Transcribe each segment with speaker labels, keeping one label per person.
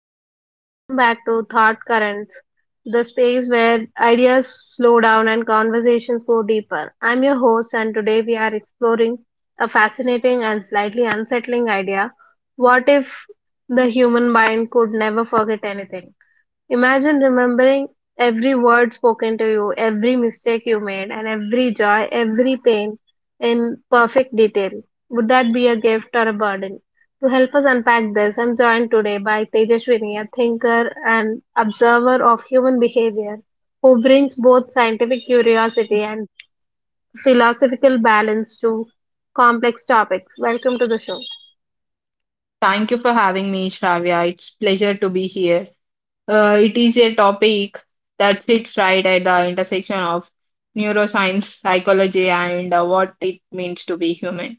Speaker 1: everyone, and welcome back to Thought Currents, the space where ideas slow down and conversations go deeper. I'm your host, and today we are exploring a fascinating and slightly unsettling idea. What if the human mind could never forget anything? Imagine remembering every word spoken to you, every mistake you made, and every joy, every pain in perfect detail. Would that be a gift or a burden? To help us unpack this, I'm joined today by Tejaswini, a thinker and observer of human behavior, who brings both scientific curiosity and philosophical balance to complex topics. Welcome to the show.
Speaker 2: Thank you for having me, Shravya. It's pleasure to be here. It is a topic that sits right at the intersection of neuroscience, psychology, and what it means to be human.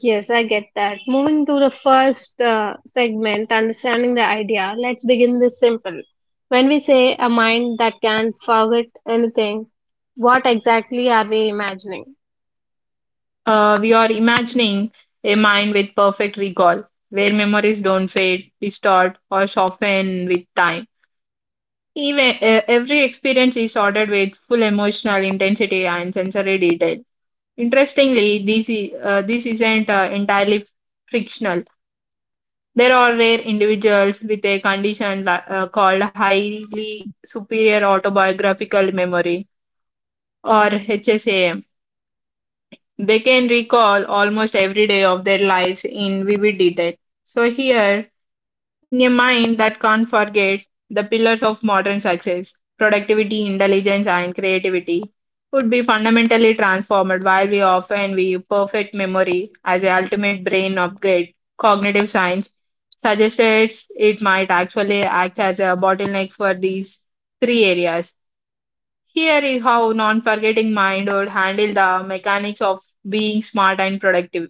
Speaker 1: Yes, I get that. Moving to the first segment, understanding the idea, let's begin this simple. When we say a mind that can forget anything, what exactly are we imagining?
Speaker 2: We are imagining a mind with perfect recall, where memories don't fade, distort, or soften with time. Even every experience is ordered with full emotional intensity and sensory detail. Interestingly, this isn't entirely frictional. There are rare individuals with a condition called highly superior autobiographical memory, or HSAM. They can recall almost every day of their lives in vivid detail. So, here, in a mind that can't forget, the pillars of modern success, productivity, intelligence, and creativity would be fundamentally transformed. While we often view perfect memory as the ultimate brain upgrade, cognitive science suggested it might actually act as a bottleneck for these three areas. Here is how non forgetting mind would handle the mechanics of being smart and productive.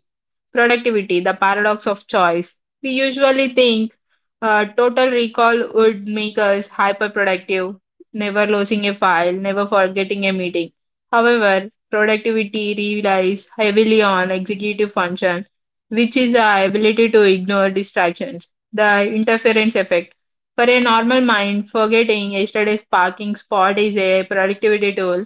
Speaker 2: Productivity, the paradox of choice. We usually think total recall would make us hyperproductive, never losing a file, never forgetting a meeting. However, productivity relies heavily on executive function, which is the ability to ignore distractions, the interference effect. For a normal mind, forgetting yesterday's parking spot is a productivity tool.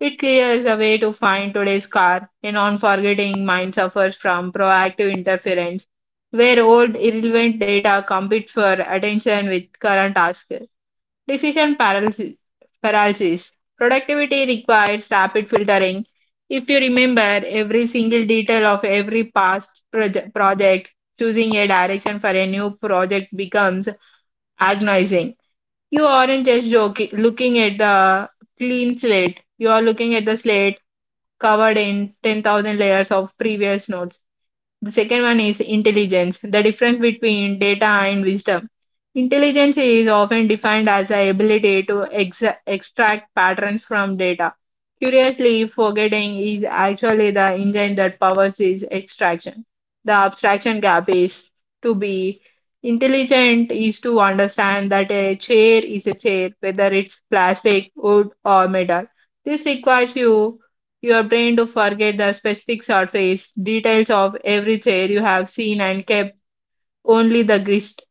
Speaker 2: It clears a way to find today's car. A non-forgetting mind suffers from proactive interference, where old irrelevant data competes for attention with current tasks. Decision paralysis. paralysis. Productivity requires rapid filtering. If you remember every single detail of every project, choosing a direction for a new project becomes agonizing. You aren't just joking, looking at the clean slate. You are looking at the slate covered in 10,000 layers of previous notes. The second one is intelligence, the difference between data and wisdom. Intelligence is often defined as the ability to extract patterns from data. Curiously, forgetting is actually the engine that powers this extraction. The abstraction gap is, to be intelligent is to understand that a chair is a chair, whether it's plastic, wood, or metal. This requires your brain to forget the specific surface, details of every chair you have seen and kept, only the gist.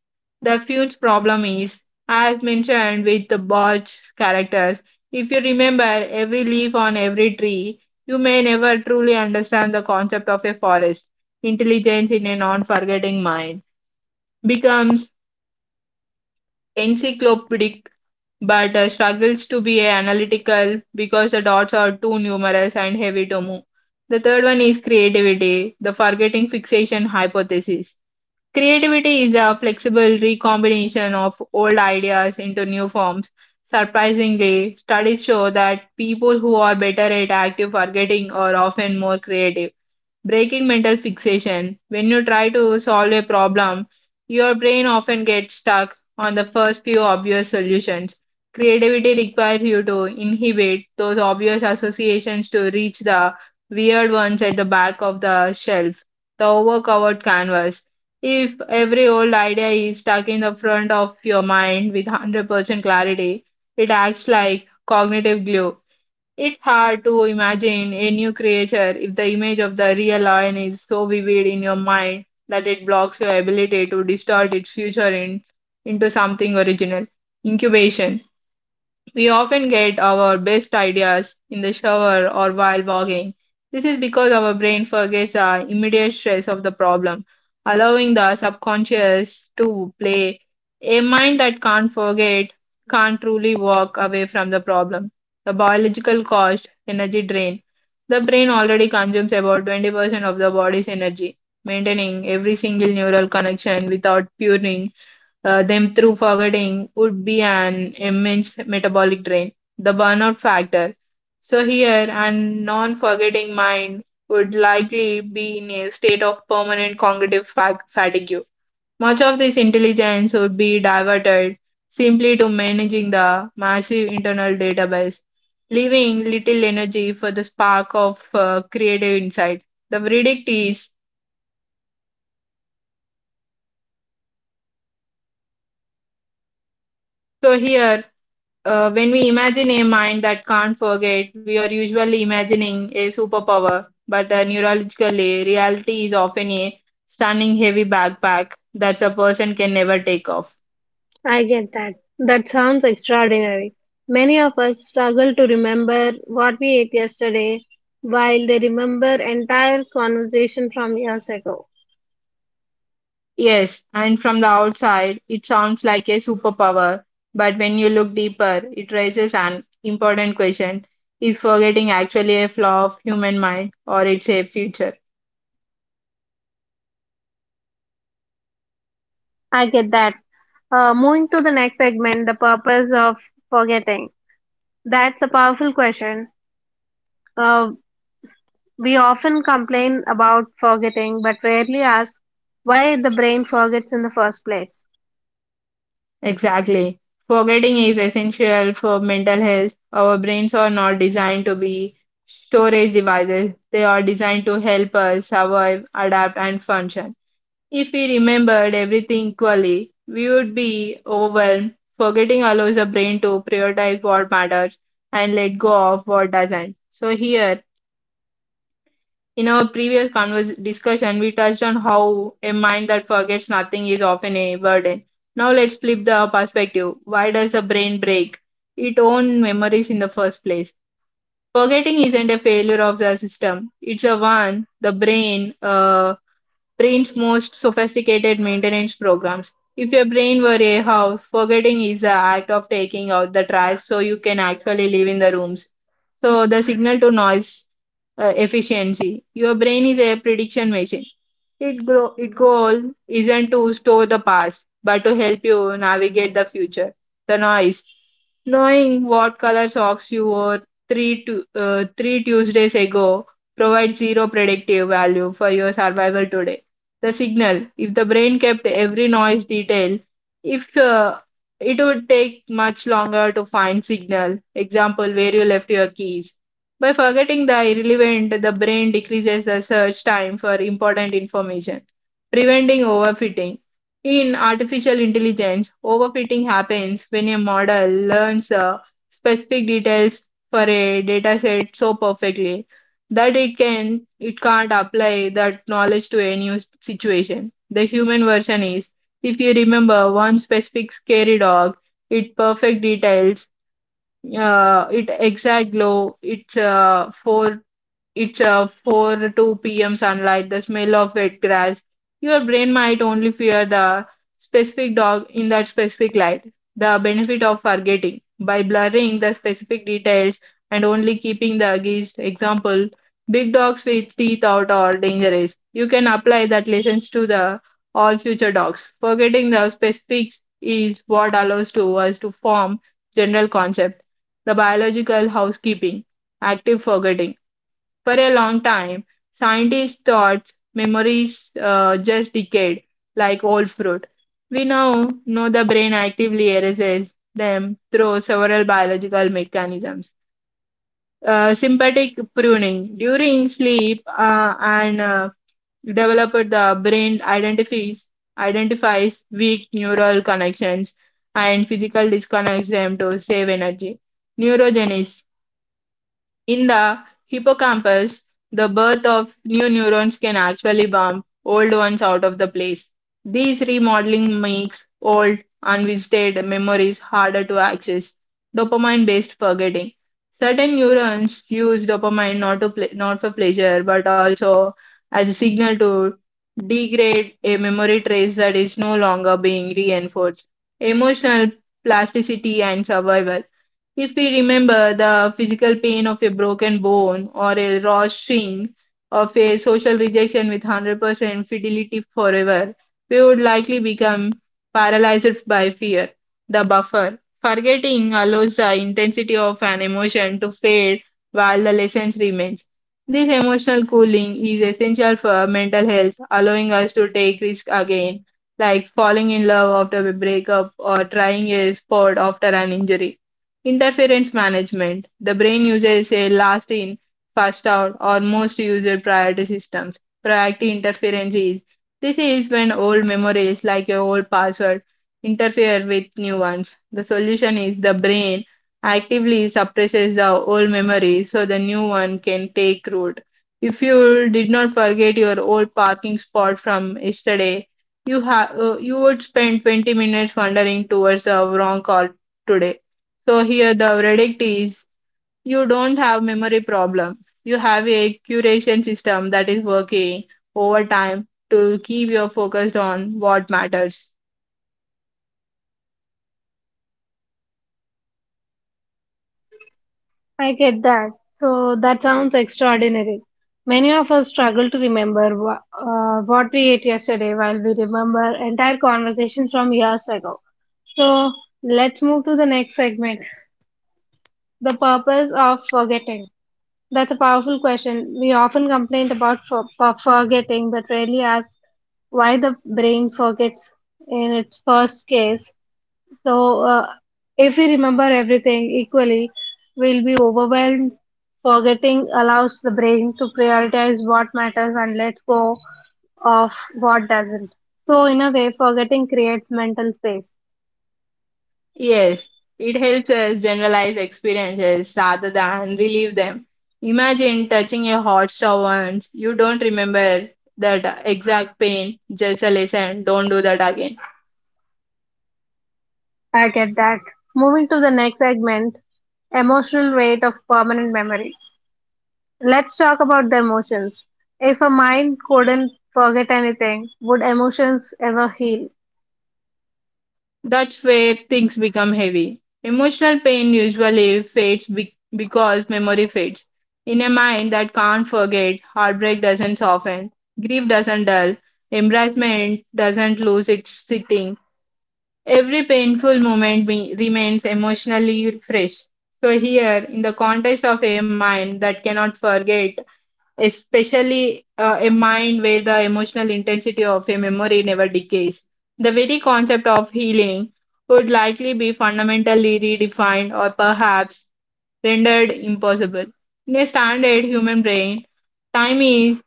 Speaker 2: The huge problem is, as mentioned with the Botch characters, if you remember every leaf on every tree, you may never truly understand the concept of a forest. Intelligence in a non forgetting mind becomes encyclopedic but struggles to be analytical because the dots are too numerous and heavy to move. The third one is creativity, the forgetting fixation hypothesis. Creativity is a flexible recombination of old ideas into new forms. Surprisingly, studies show that people who are better at active forgetting are often more creative. Breaking mental fixation. When you try to solve a problem, your brain often gets stuck on the first few obvious solutions. Creativity requires you to inhibit those obvious associations to reach the weird ones at the back of the shelf, the overcovered canvas. If every old idea is stuck in the front of your mind with 100% clarity, it acts like cognitive glue. It's hard to imagine a new creature if the image of the real lion is so vivid in your mind that it blocks your ability to distort its future in, into something original. Incubation. We often get our best ideas in the shower or while walking. This is because our brain forgets the immediate stress of the problem, allowing the subconscious to play. A mind that can't forget can't truly walk away from the problem. The biological cost, energy drain. The brain already consumes about 20% of the body's energy. Maintaining every single neural connection without purging them through forgetting would be an immense metabolic drain, the burnout factor. So, here, a non forgetting mind would likely be in a state of permanent cognitive fatigue. Much of this intelligence would be diverted simply to managing the massive internal database, leaving little energy for the spark of creative insight. The verdict is, so here, when we imagine a mind that can't forget, we are usually imagining a superpower, but neurologically, reality is often a stunning heavy backpack that a person can never take off.
Speaker 1: I get that. That sounds extraordinary. Many of us struggle to remember what we ate yesterday while they remember entire conversation from years ago.
Speaker 2: Yes, and from the outside, it sounds like a superpower, but when you look deeper, it raises an important question. Is forgetting actually a flaw of human mind, or it's a feature?
Speaker 1: I get that. Moving to the next segment, the purpose of forgetting. That's a powerful question. Uh, we often complain about forgetting, but rarely ask why the brain forgets in the first place.
Speaker 2: Exactly. Forgetting is essential for mental health. Our brains are not designed to be storage devices, they are designed to help us survive, adapt, and function. If we remembered everything equally, we would be overwhelmed. Forgetting allows the brain to prioritize what matters and let go of what doesn't. So, here, in our previous discussion, we touched on how a mind that forgets nothing is often a burden. Now let's flip the perspective. Why does the brain break its own memories in the first place? Forgetting isn't a failure of the system. It's a one, the brain's most sophisticated maintenance programs. If your brain were a house, forgetting is the act of taking out the trash so you can actually live in the rooms. So the signal to noise efficiency. Your brain is a prediction machine. It grow, its goal isn't to store the past, but to help you navigate the future. The noise. Knowing what color socks you wore three Tuesdays ago provides zero predictive value for your survival today. The signal, if the brain kept every noise detail, if it would take much longer to find signal. Example, where you left your keys. By forgetting the irrelevant, the brain decreases the search time for important information, preventing overfitting. In artificial intelligence, overfitting happens when a model learns specific details for a dataset so perfectly that it can't apply that knowledge to a new situation. The human version is, if you remember one specific scary dog, it perfect details, it exact glow, its four it's 4 to 2 p.m. sunlight, the smell of wet grass. Your brain might only fear the specific dog in that specific light. The benefit of forgetting by blurring the specific details and only keeping the gist, example, big dogs with teeth out are dangerous. You can apply that lessons to the all future dogs. Forgetting the specifics is what allows to us to form general concept. The biological housekeeping, active forgetting for a long time, scientists thought memories just decayed like old fruit. We now know the brain actively erases them through several biological mechanisms. Sympathetic pruning during sleep and developed the brain identifies weak neural connections and physical disconnects them to save energy. Neurogenesis in the hippocampus, the birth of new neurons can actually bump old ones out of the place. This remodeling makes old, unvisited memories harder to access. Dopamine based forgetting. Certain neurons use dopamine not, to not for pleasure but also as a signal to degrade a memory trace that is no longer being reinforced. Emotional plasticity and survival. If we remember the physical pain of a broken bone or a raw string, of a social rejection with 100% fidelity forever, we would likely become paralyzed by fear, the buffer. Forgetting allows the intensity of an emotion to fade while the lessons remains. This emotional cooling is essential for mental health, allowing us to take risk again, like falling in love after a breakup or trying a sport after an injury. Interference management. The brain uses a last in, first out, or most used priority systems. Priority interference is, this is when old memories, like your old password, interfere with new ones. The solution is the brain actively suppresses the old memory so the new one can take root. If you did not forget your old parking spot from yesterday, you would spend 20 minutes wandering towards the wrong car today. So here the verdict is, you don't have memory problem. You have a curation system that is working over time to keep you focused on what matters.
Speaker 1: I get that. So that sounds extraordinary. Many of us struggle to remember what we ate yesterday while we remember entire conversations from years ago. So let's move to the next segment, the purpose of forgetting. That's a powerful question. We often complain about forgetting, but rarely ask why the brain forgets in its first case. So, if we remember everything equally, we'll be overwhelmed. Forgetting allows the brain to prioritize what matters and let go of what doesn't. So, in a way, forgetting creates mental space.
Speaker 2: Yes, it helps us generalize experiences rather than relive them. Imagine touching a hot stove once. You don't remember that exact pain, just a lesson. Don't do that again.
Speaker 1: I get that. Moving to the next segment, emotional weight of permanent memory. Let's talk about the emotions. If a mind couldn't forget anything, would emotions ever heal?
Speaker 2: That's where things become heavy. Emotional pain usually fades because memory fades. In a mind that can't forget, heartbreak doesn't soften, grief doesn't dull, embarrassment doesn't lose its sitting. Every painful moment remains emotionally fresh. So, here, in the context of a mind that cannot forget, especially a mind where the emotional intensity of a memory never decays. The very concept of healing would likely be fundamentally redefined, or perhaps rendered impossible. In a standard human brain, time is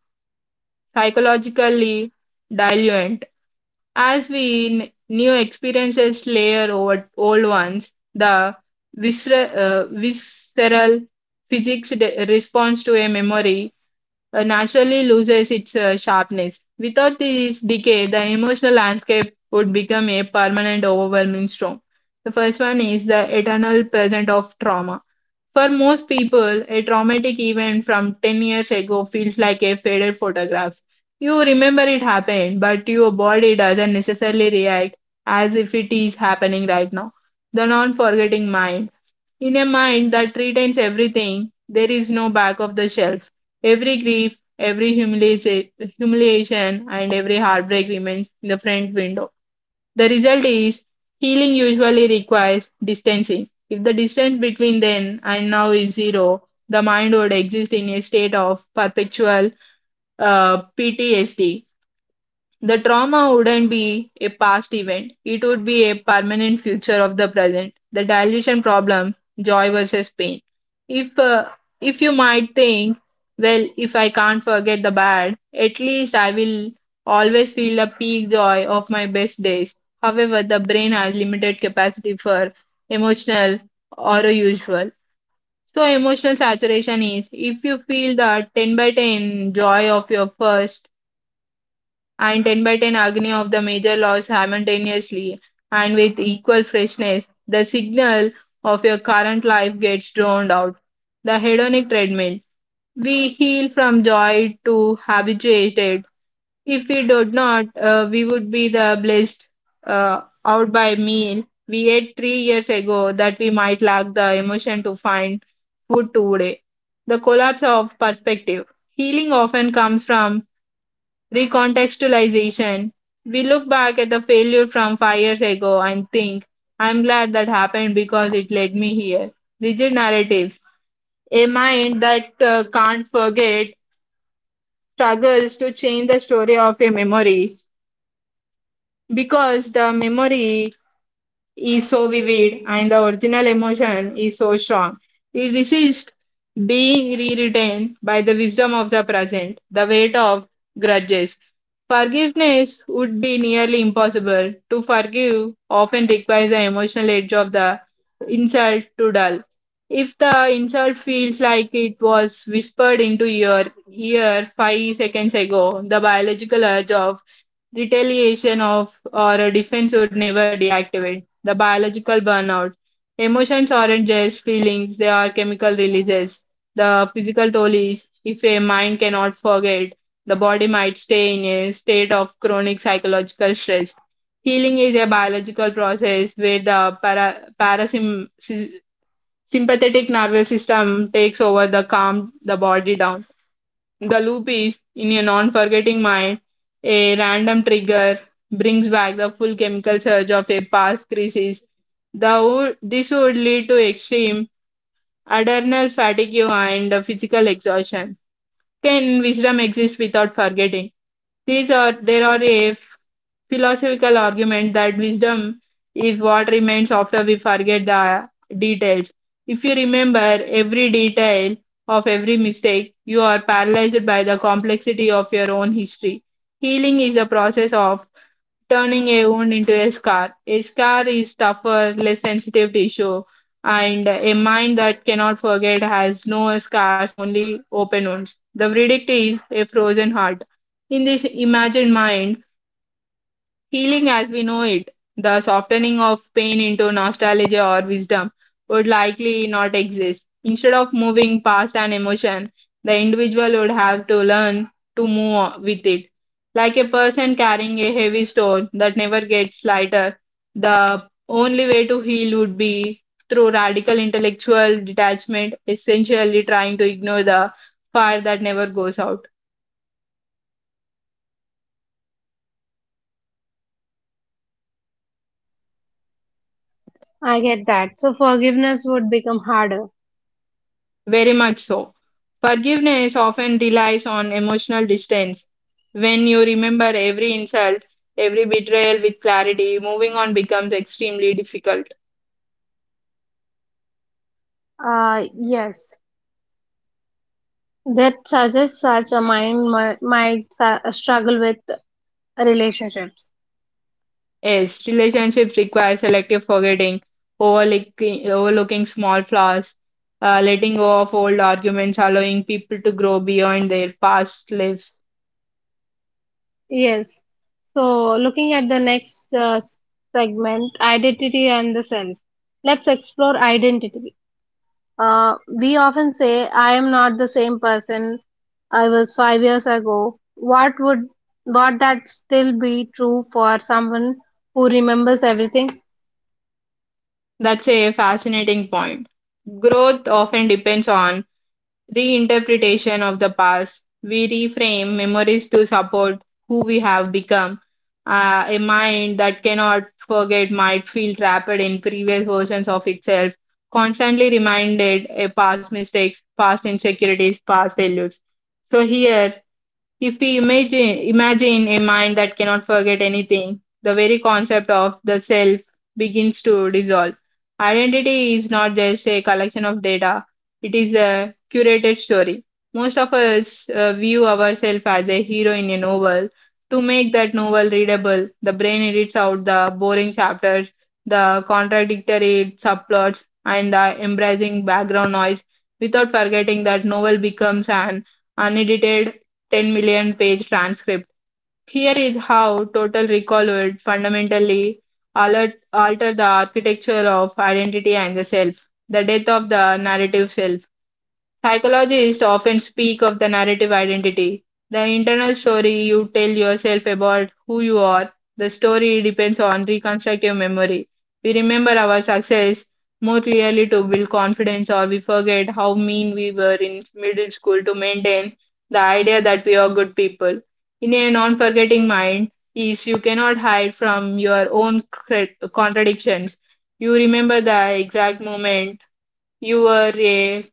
Speaker 2: psychologically diluent. As we new experiences layer over old ones, the visceral response to a memory naturally loses its sharpness. Without this decay, the emotional landscape would become a permanent, overwhelming storm. The first one is the eternal present of trauma. For most people, a traumatic event from 10 years ago feels like a faded photograph. You remember it happened, but your body doesn't necessarily react as if it is happening right now. The non forgetting mind, in a mind that retains everything, there is no back of the shelf. Every grief, every humiliation, and every heartbreak remains in the front window. The result is, healing usually requires distancing. If the distance between then and now is zero, the mind would exist in a state of perpetual PTSD. The trauma wouldn't be a past event, it would be a permanent feature of the present. The dilution problem, joy versus pain. If uh, if you might think, well, if I can't forget the bad, at least I will always feel the peak joy of my best days. However, the brain has limited capacity for emotional or a usual. So emotional saturation is, if you feel the 10 by 10 joy of your first and 10 by 10 agony of the major loss simultaneously and with equal freshness, the signal of your current life gets drowned out. The hedonic treadmill. We heal from joy to habituated. If we did not, we would be the blessed out by meal we ate 3 years ago that we might lack the emotion to find food today. The collapse of perspective. Healing often comes from recontextualization. We look back at the failure from 5 years ago and think, I'm glad that happened because it led me here. Rigid narratives. A mind that can't forget struggles to change the story of a memory because the memory is so vivid and the original emotion is so strong. It resists being rewritten by the wisdom of the present, the weight of grudges. Forgiveness would be nearly impossible. To forgive often requires the emotional edge of the insult to dull. If the insult feels like it was whispered into your ear 5 seconds ago, the biological urge of retaliation of or a defense would never deactivate the biological burnout. Emotions aren't just feelings, they are chemical releases. The physical toll is, if a mind cannot forget, the body might stay in a state of chronic psychological stress. Healing is a biological process where the parasympathetic nervous system takes over the calm the body down. The loop is, in a non forgetting mind, a random trigger brings back the full chemical surge of a past crisis. This would lead to extreme adrenal fatigue and physical exhaustion. Can wisdom exist without forgetting? These are there are a philosophical argument that wisdom is what remains after we forget the details. If you remember every detail of every mistake, you are paralyzed by the complexity of your own history. Healing is a process of turning a wound into a scar. A scar is tougher, less sensitive tissue, and a mind that cannot forget has no scars, only open wounds. The verdict is a frozen heart. In this imagined mind, healing as we know it, the softening of pain into nostalgia or wisdom, would likely not exist. Instead of moving past an emotion, the individual would have to learn to move on with it. Like a person carrying a heavy stone that never gets lighter, the only way to heal would be through radical intellectual detachment, essentially trying to ignore the fire that never goes out.
Speaker 1: I get that. So forgiveness would become harder.
Speaker 2: Very much so. Forgiveness often relies on emotional distance. When you remember every insult, every betrayal with clarity, moving on becomes extremely difficult.
Speaker 1: Yes. That suggests such a mind might struggle with relationships.
Speaker 2: Yes, relationships require selective forgetting, overlooking small flaws, letting go of old arguments, allowing people to grow beyond their past lives.
Speaker 1: Yes. So looking at the next segment, identity and the self. Let's explore identity. We often say, I am not the same person I was 5 years ago. What would what that still be true for someone who remembers everything?
Speaker 2: That's a fascinating point. Growth often depends on reinterpretation of the past. We reframe memories to support who we have become. A mind that cannot forget might feel trapped in previous versions of itself, constantly reminded of past mistakes, past insecurities, past failures. So, here, if we imagine a mind that cannot forget anything, the very concept of the self begins to dissolve. Identity is not just a collection of data, it is a curated story. Most of us view ourselves as a hero in a novel. To make that novel readable, the brain edits out the boring chapters, the contradictory subplots, and the embarrassing background noise. Without forgetting, that novel becomes an unedited 10 million page transcript. Here is how Total Recall would fundamentally alter the architecture of identity and the self, the death of the narrative self. Psychologists often speak of the narrative identity, the internal story you tell yourself about who you are. The story depends on reconstructive memory. We remember our success more clearly to build confidence, or we forget how mean we were in middle school to maintain the idea that we are good people. In a non forgetting mind, is you cannot hide from your own contradictions. You remember the exact moment you were a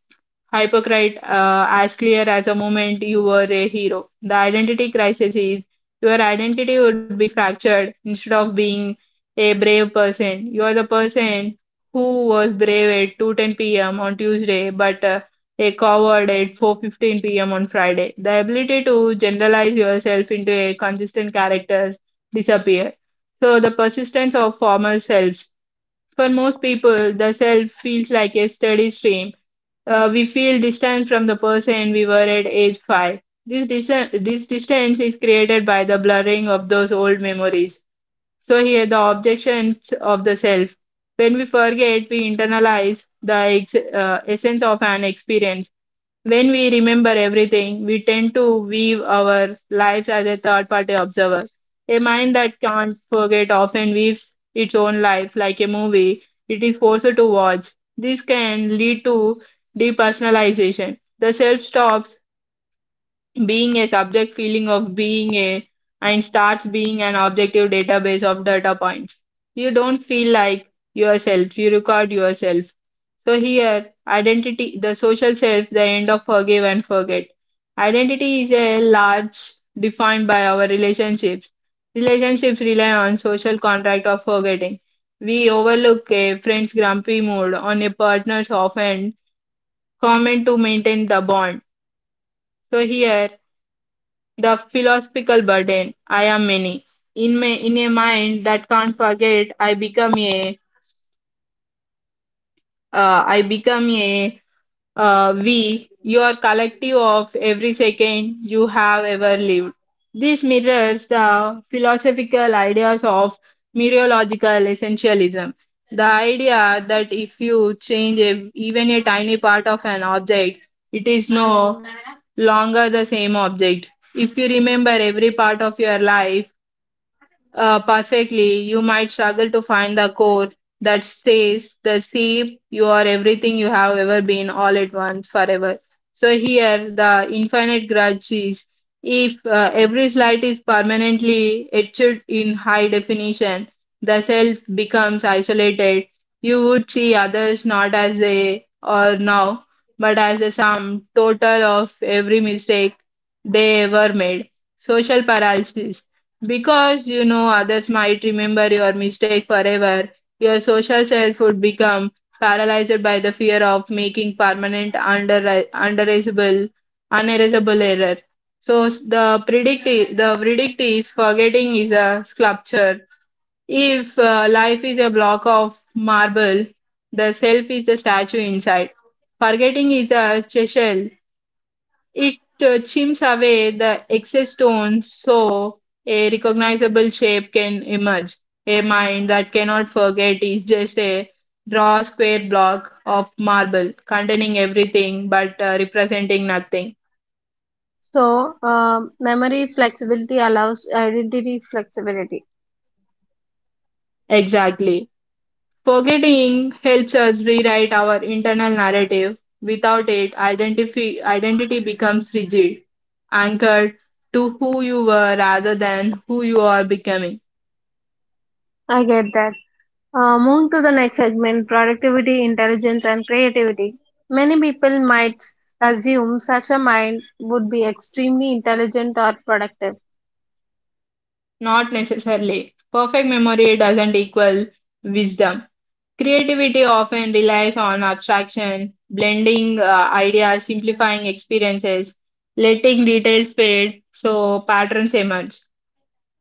Speaker 2: hypocrite, as clear as a moment you were a hero. The identity crisis is, your identity would be fractured instead of being a brave person. You are the person who was brave at 2:10 p.m. on Tuesday, but a coward at 4:15 p.m. on Friday. The ability to generalize yourself into a consistent character disappear. So the persistence of former selves. For most people, the self feels like a steady stream. We feel distant from the person we were at age 5. This, dis- this distance is created by the blurring of those old memories. So, here, the objections of the self. When we forget, we internalize the essence of an experience. When we remember everything, we tend to weave our lives as a third party observer. A mind that can't forget often weaves its own life like a movie it is forced to watch. This can lead to depersonalization. The self stops being a subject feeling of being a, and starts being an objective database of data points. You don't feel like yourself, you record yourself. So here, identity, the social self, the end of forgive and forget. Identity is a large defined by our relationships. Relationships rely on social contract of forgetting. We overlook a friend's grumpy mood on a partner's offhand comment to maintain the bond. So here, the philosophical burden. I am many. In a mind that can't forget, I become a we, You are collective of every second you have ever lived. This mirrors the philosophical ideas of mereological essentialism. The idea that if you even a tiny part of an object, it is no longer the same object. If you remember every part of your life, perfectly, you might struggle to find the core that stays, the sea, you are everything you have ever been all at once, forever. So here, the infinite grudge is, if every slide is permanently etched in high definition, the self becomes isolated. You would see others not as they are now, but as a sum total of every mistake they ever made. Social paralysis, because you know others might remember your mistake forever, your social self would become paralyzed by the fear of making permanent, undererasable, unerasable error. So the verdict is, forgetting is a sculpture. If life is a block of marble, the self is the statue inside. Forgetting is a chisel. It chimps away the excess stone so a recognizable shape can emerge. A mind that cannot forget is just a raw square block of marble containing everything but representing nothing.
Speaker 1: So, memory flexibility allows identity flexibility.
Speaker 2: Exactly. Forgetting helps us rewrite our internal narrative. Without it, identity becomes rigid, anchored to who you were rather than who you are becoming.
Speaker 1: I get that. Move to the next segment, productivity, intelligence, and creativity. Many people might assume such a mind would be extremely intelligent or productive.
Speaker 2: Not necessarily. Perfect memory doesn't equal wisdom. Creativity often relies on abstraction, blending ideas, simplifying experiences, letting details fade so patterns emerge.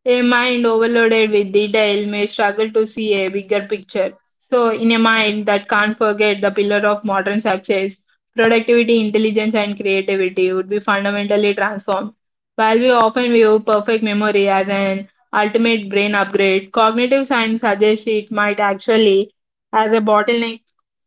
Speaker 2: A mind overloaded with detail may struggle to see a bigger picture. So, in a mind that can't forget, the pillar of modern success, productivity, intelligence, and creativity would be fundamentally transformed. While we often view perfect memory as an ultimate brain upgrade, cognitive science suggests it might actually as a bottleneck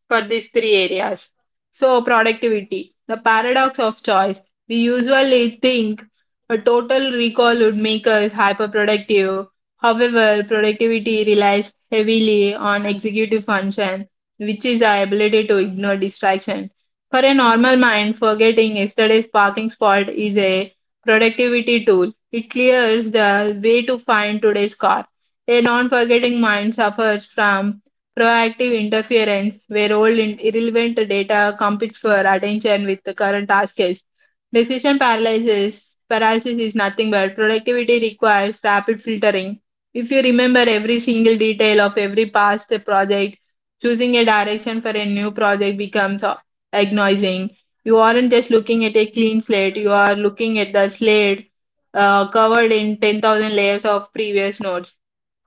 Speaker 2: for these three areas. So, productivity, the paradox of choice. We usually think a total recall would make us hyperproductive. However, productivity relies heavily on executive function, which is our ability to ignore distraction. For a normal mind, forgetting yesterday's parking spot is a productivity tool. It clears the way to find today's car. A non forgetting mind suffers from proactive interference, where old irrelevant data competes for attention with the current tasks. Decision paralysis. Paralysis is nothing but, productivity requires rapid filtering. If you remember every single detail of every past project, choosing a direction for a new project becomes agonizing. You aren't just looking at a clean slate, you are looking at the slate covered in 10,000 layers of previous notes.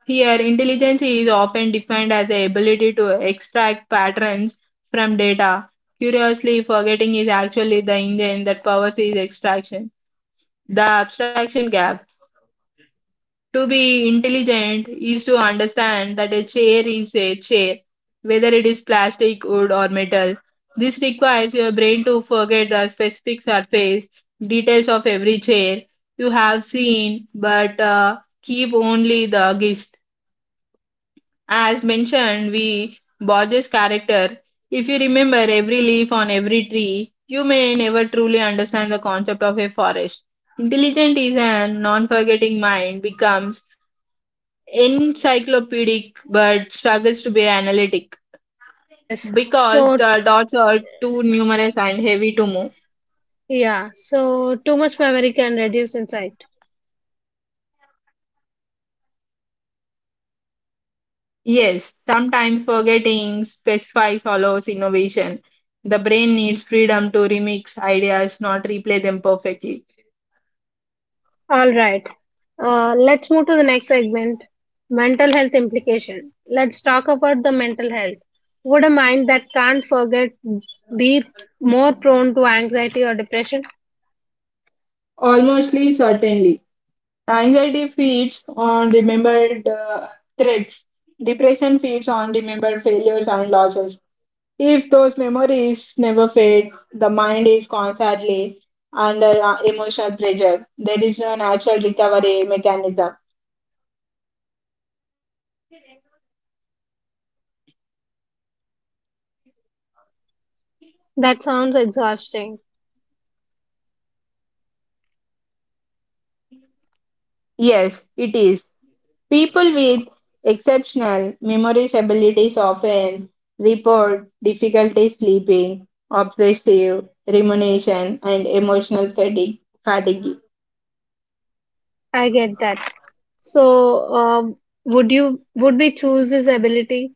Speaker 2: Here, intelligence is often defined as the ability to extract patterns from data. Curiously, forgetting is actually the engine that powers its extraction. The abstraction gap. To be intelligent is to understand that a chair is a chair, whether it is plastic, wood, or metal. This requires your brain to forget the specific surface details of every chair you have seen, but keep only the gist. As mentioned, we Borges' character. If you remember every leaf on every tree, you may never truly understand the concept of a forest. Intelligent is an non-forgetting mind becomes encyclopedic but struggles to be analytic
Speaker 1: Yes.
Speaker 2: because
Speaker 1: So,
Speaker 2: the dots are too numerous and heavy to move.
Speaker 1: yeah, so too much memory can reduce insight.
Speaker 2: Yes, sometimes forgetting specifies follows innovation. The brain needs freedom to remix ideas, not replay them perfectly.
Speaker 1: All right, let's move to the next segment, mental health implication. Let's talk about the mental health. Would a mind that can't forget be more prone to anxiety or depression?
Speaker 2: Almostly certainly. Anxiety feeds on remembered threats. Depression feeds on remembered failures and losses. If those memories never fade, the mind is constantly under emotional pressure. There is no natural recovery mechanism.
Speaker 1: That sounds exhausting.
Speaker 2: Yes, it is. People with exceptional memory abilities often report difficulty sleeping, obsessive rumination, and emotional fatigue.
Speaker 1: I get that. So, would you would we choose this ability?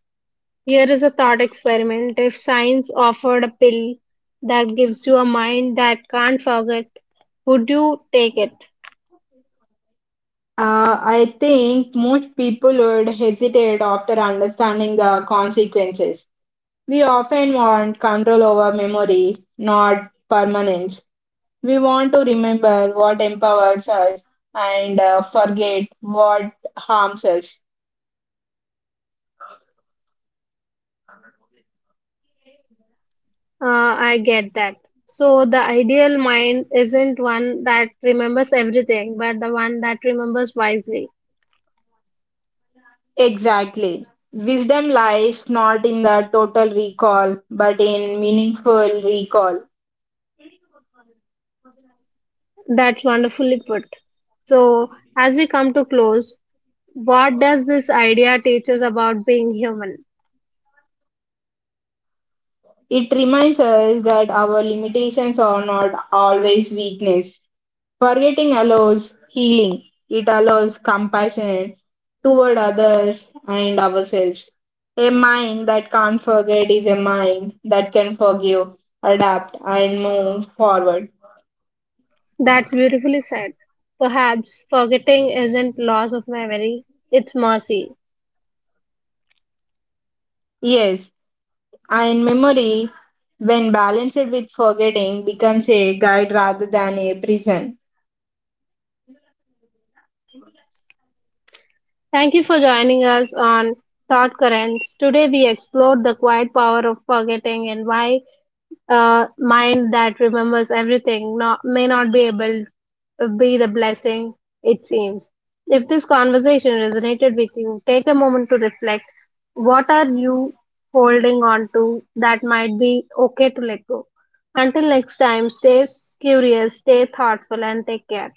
Speaker 1: Here is a thought experiment. If science offered a pill that gives you a mind that can't forget, would you take it?
Speaker 2: I think most people would hesitate after understanding the consequences. We often want control over memory, not permanence. We want to remember what empowers us and forget what harms us.
Speaker 1: I get that. So, the ideal mind isn't one that remembers everything, but the one that remembers wisely.
Speaker 2: Exactly. Wisdom lies not in the total recall, but in meaningful recall.
Speaker 1: That's wonderfully put. So, as we come to close, what does this idea teach us about being human?
Speaker 2: It reminds us that our limitations are not always weakness. Forgetting allows healing, it allows compassion toward others and ourselves. A mind that can't forget is a mind that can forgive, adapt, and move forward.
Speaker 1: That's beautifully said. Perhaps forgetting isn't loss of memory, it's mercy.
Speaker 2: Yes, and memory, when balanced with forgetting, becomes a guide rather than a prison.
Speaker 1: Thank you for joining us on Thought Currents. Today we explored the quiet power of forgetting and why a mind that remembers everything not, may not be able to be the blessing it seems. If this conversation resonated with you, take a moment to reflect. What are you holding on to that might be okay to let go? Until next time, stay curious, stay thoughtful, and take care.